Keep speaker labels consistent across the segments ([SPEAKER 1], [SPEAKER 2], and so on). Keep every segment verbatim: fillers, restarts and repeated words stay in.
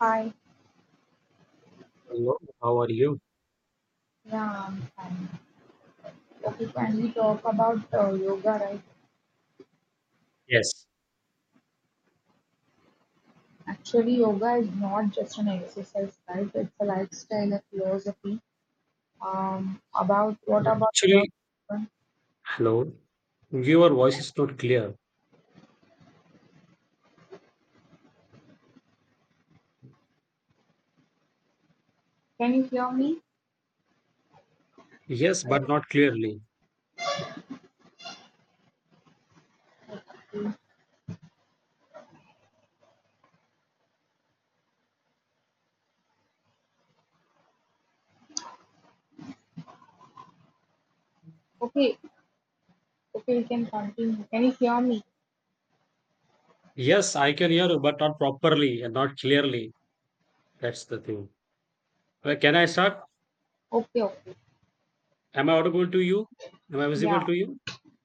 [SPEAKER 1] Hi,
[SPEAKER 2] Hello, how are you?
[SPEAKER 1] yeah, I'm fine. Okay, can we talk about uh, yoga, right?
[SPEAKER 2] Yes.
[SPEAKER 1] Actually, yoga is not just an exercise, right? It's a lifestyle, a philosophy. Um, about what about your?
[SPEAKER 2] Actually, hello. Your voice is not clear.
[SPEAKER 1] Can you hear me?
[SPEAKER 2] Yes, but
[SPEAKER 1] Hello.
[SPEAKER 2] not clearly.
[SPEAKER 1] Okay, okay, okay, we can continue. Can you hear me?
[SPEAKER 2] Yes, I can hear you, but not properly and not clearly. That's the thing. Uh, Can I start?
[SPEAKER 1] Okay, okay,
[SPEAKER 2] Am I audible to you? Am I visible
[SPEAKER 1] yeah,
[SPEAKER 2] to you?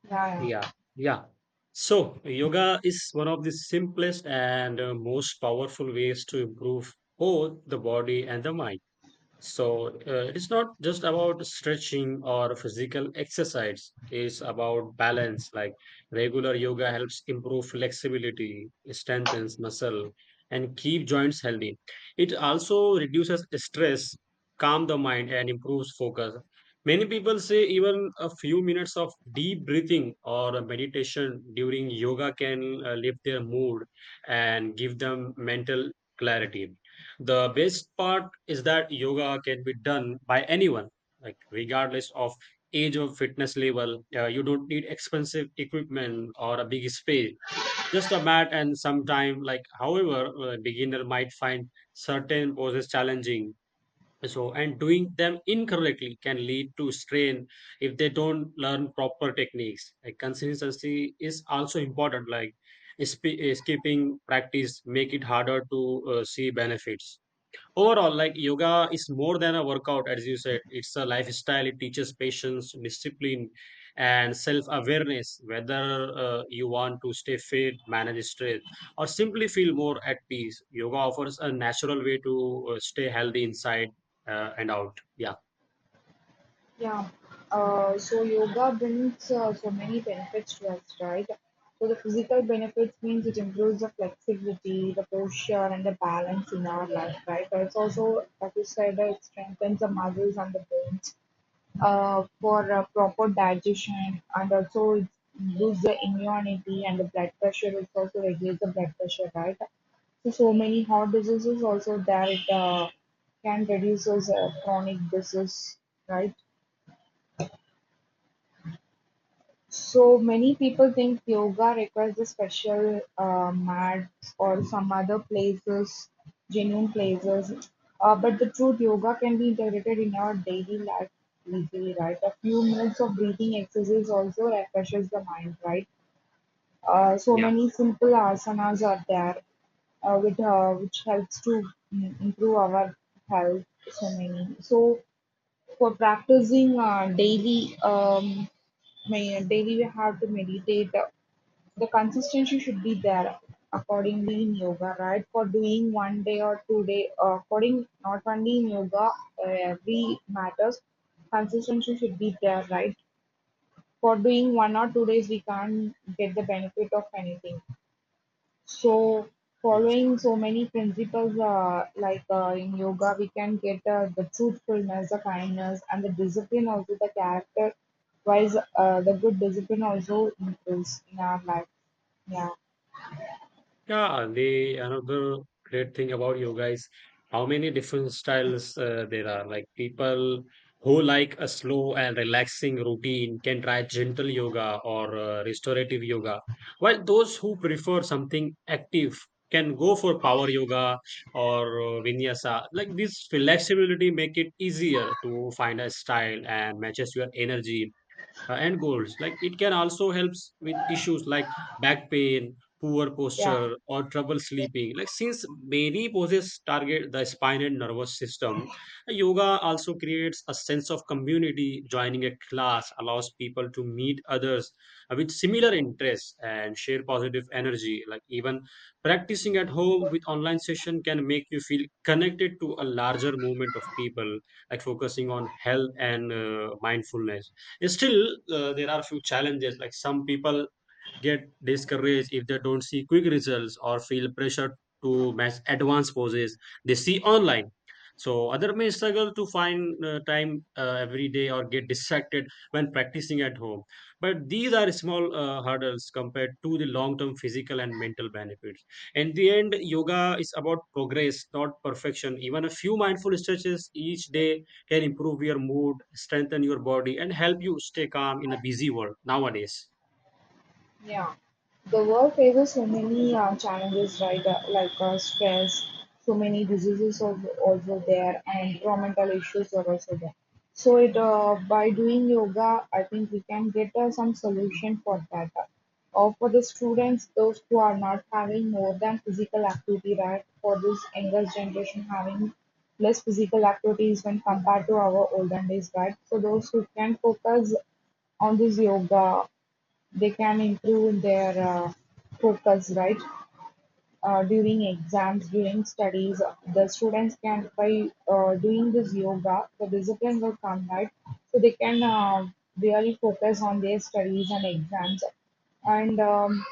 [SPEAKER 1] yeah,
[SPEAKER 2] Yeah,
[SPEAKER 1] yeah.
[SPEAKER 2] yeah. So, yoga is one of the simplest and uh, most powerful ways to improve both the body and the mind. So uh, it's not just about stretching or physical exercise. It's about balance. Like regular yoga helps improve flexibility, strengthens muscle, and keep joints healthy. It also reduces stress, calm the mind, and improves focus. Many people say even a few minutes of deep breathing or a meditation during yoga can uh, lift their mood and give them mental clarity. The best part is that yoga can be done by anyone, like regardless of age or fitness level. Uh, you don't need expensive equipment or a big space. Just a mat and some time. Like, however, a beginner might find certain poses challenging. So, and doing them incorrectly can lead to strain if they don't learn proper techniques. Like, consistency is also important. Like, sp- skipping practice make it harder to uh, see benefits. Overall, like yoga is more than a workout, as you said. It's a lifestyle. It teaches patience, discipline, and self awareness, whether uh, you want to stay fit, manage stress, or simply feel more at peace. Yoga offers a natural way to uh, stay healthy inside uh, and out. Yeah.
[SPEAKER 1] Yeah. Uh, so yoga brings uh, so many benefits to us, right? So the physical benefits means it improves the flexibility, the posture, and the balance in our life, right? But it's also, like you said, uh, it strengthens the muscles and the bones uh, for uh, proper digestion, and also it boosts the immunity and the blood pressure. It also regulates the blood pressure, right? So, so many heart diseases also that it uh, can reduce uh, chronic disease, right? So many people think yoga requires a special uh, mat or some other places, genuine places. Uh, but the truth, yoga can be integrated in your daily life easily, right? A few minutes of breathing exercise also refreshes the mind, right? Uh, so
[SPEAKER 2] Yeah.
[SPEAKER 1] many simple asanas are there, uh, with, uh, which helps to mm, improve our health. So many. So for practicing uh, daily, um, may, daily we have to meditate. The, the consistency should be there accordingly in yoga, right? For doing one day or two day, uh, according not only in yoga, uh, every matters consistency should be there, right? For doing one or two days, we can't get the benefit of anything. So
[SPEAKER 2] Yes.
[SPEAKER 1] following so many principles uh, like uh, in yoga, we can get uh, the truthfulness, the kindness, and the discipline also the character wise uh, the good discipline also improves in our life. Yeah,
[SPEAKER 2] Yeah, the another great thing about yoga is how many different styles uh, there are. Like people who like a slow and relaxing routine can try gentle yoga or uh, restorative yoga, while those who prefer something active can go for power yoga or uh, vinyasa. Like this flexibility make it easier to find a style and matches your energy uh, and goals, like it can also helps with issues like back pain, poor
[SPEAKER 1] yeah.
[SPEAKER 2] posture, or trouble sleeping, like since many poses target the spine and nervous system. Yoga also creates a sense of community. Joining a class allows people to meet others uh, with similar interests and share positive energy, like even practicing at home with online session can make you feel connected to a larger movement of people, like focusing on health and uh, mindfulness. Still, uh, there are a few challenges. Like some people get discouraged if they don't see quick results or feel pressure to match advanced poses they see online. So other may struggle to find uh, time uh, every day or get distracted when practicing at home. But these are small uh, hurdles compared to the long-term physical and mental benefits. In the end, yoga is about progress, not perfection. Even a few mindful stretches each day can improve your mood, strengthen your body, and help you stay calm in a busy world nowadays.
[SPEAKER 1] Yeah, the world faces so many uh, challenges, right? Uh, like uh, stress, so many diseases are also there, and environmental issues are also there. So it uh, by doing yoga, I think we can get uh, some solution for that. Or for the students, those who are not having more than physical activity, right? For this younger generation having less physical activities when compared to our olden days, right? So those who can focus on this yoga, they can improve their uh, focus, right? Uh, during exams, during studies, the students can by uh, doing this yoga, the discipline will come, right? So they can uh, really focus on their studies and exams, and um,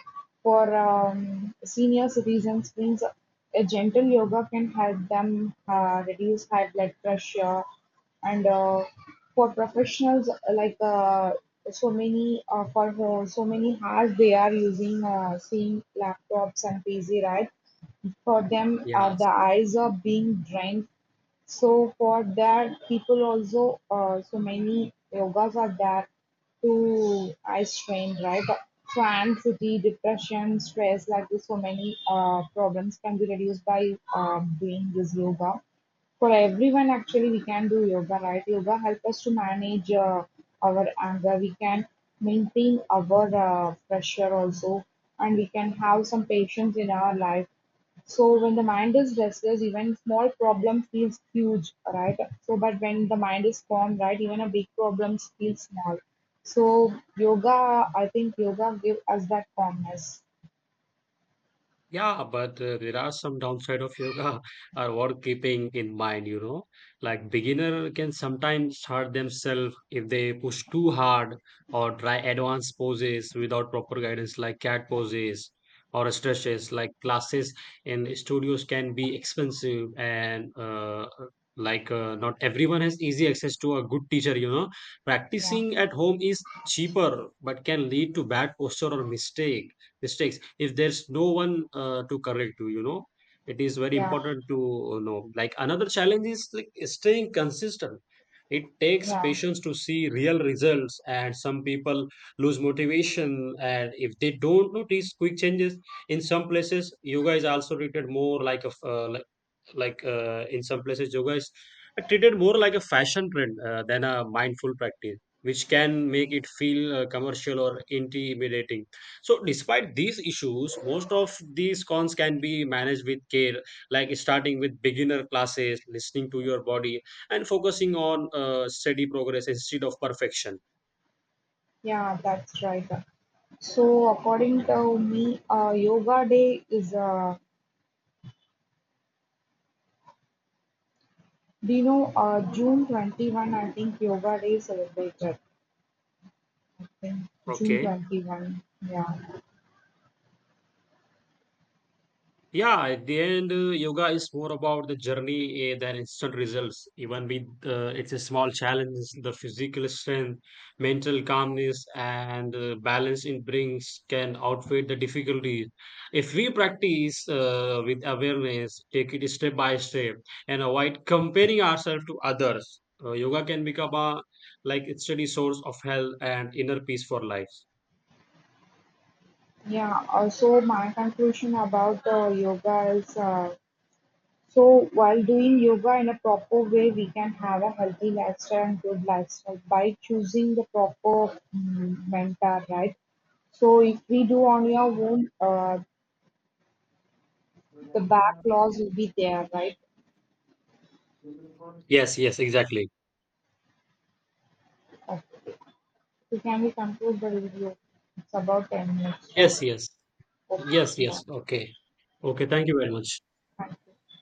[SPEAKER 1] for um, senior citizens means a gentle yoga can help them uh, reduce high blood pressure, and uh, for professionals, uh, like uh, so many, uh, for uh, so many hours they are using uh, same laptops and pc, right? For them, uh,
[SPEAKER 2] Yeah.
[SPEAKER 1] the eyes are being drained. So for that, people also, uh, so many yogas are there to eye strain, right? So anxiety, depression, stress, like this, so many uh, problems can be reduced by uh, doing this yoga. For everyone actually we can do yoga, right? Yoga help us to manage uh, our anger, we can maintain our uh, pressure also, and we can have some patience in our life. So when the mind is restless, even small problem feels huge, right? So but when the mind is calm, right, even a big problem feels small. So yoga, I think yoga give us that calmness.
[SPEAKER 2] Yeah, but uh, there are some downside of yoga are worth keeping in mind, you know, like beginner can sometimes hurt themselves if they push too hard or try advanced poses without proper guidance, like cat poses or stretches. Like classes in studios can be expensive and, uh, like uh, not everyone has easy access to a good teacher, you know.
[SPEAKER 1] Yeah,
[SPEAKER 2] Practicing at home is cheaper, but can lead to bad posture or mistake mistakes if there's no one uh, to correct you, you know. It is very
[SPEAKER 1] yeah,
[SPEAKER 2] important to uh, know. Like another challenge is like staying consistent. It takes
[SPEAKER 1] yeah,
[SPEAKER 2] patience to see real results and some people lose motivation and if they don't notice quick changes. In some places yoga is also treated more like a f- uh, like like uh, in some places yoga is treated more like a fashion trend uh, than a mindful practice, which can make it feel uh, commercial or intimidating. So despite these issues, most of these cons can be managed with care, like starting with beginner classes, listening to your body, and focusing on uh, steady progress instead of perfection.
[SPEAKER 1] yeah. That's right. So according
[SPEAKER 2] Yeah.
[SPEAKER 1] to me, uh, yoga day is uh, do you know uh, June twenty one? I think yoga day is celebrated. I think June
[SPEAKER 2] Okay.
[SPEAKER 1] twenty one. Yeah.
[SPEAKER 2] Yeah, at the end, uh, yoga is more about the journey uh, than instant results. Even with uh, it's a small challenge, the physical strength, mental calmness, and uh, balance it brings can outweigh the difficulties. If we practice uh, with awareness, take it step by step, and avoid comparing ourselves to others, uh, yoga can become a like a steady source of health and inner peace for life.
[SPEAKER 1] Yeah, uh, so my conclusion about the yoga is uh, so while doing yoga in a proper way, we can have a healthy lifestyle and good lifestyle by choosing the proper mm, mentor, right? So if we do on your own, uh, the back laws will be there, right?
[SPEAKER 2] Yes, yes, exactly.
[SPEAKER 1] Okay. So can we conclude the video? It's about ten minutes, right?
[SPEAKER 2] Yes, yes.
[SPEAKER 1] Okay.
[SPEAKER 2] Yes,
[SPEAKER 1] Bye.
[SPEAKER 2] yes. Okay. Okay. Thank you very much.
[SPEAKER 1] Thank you.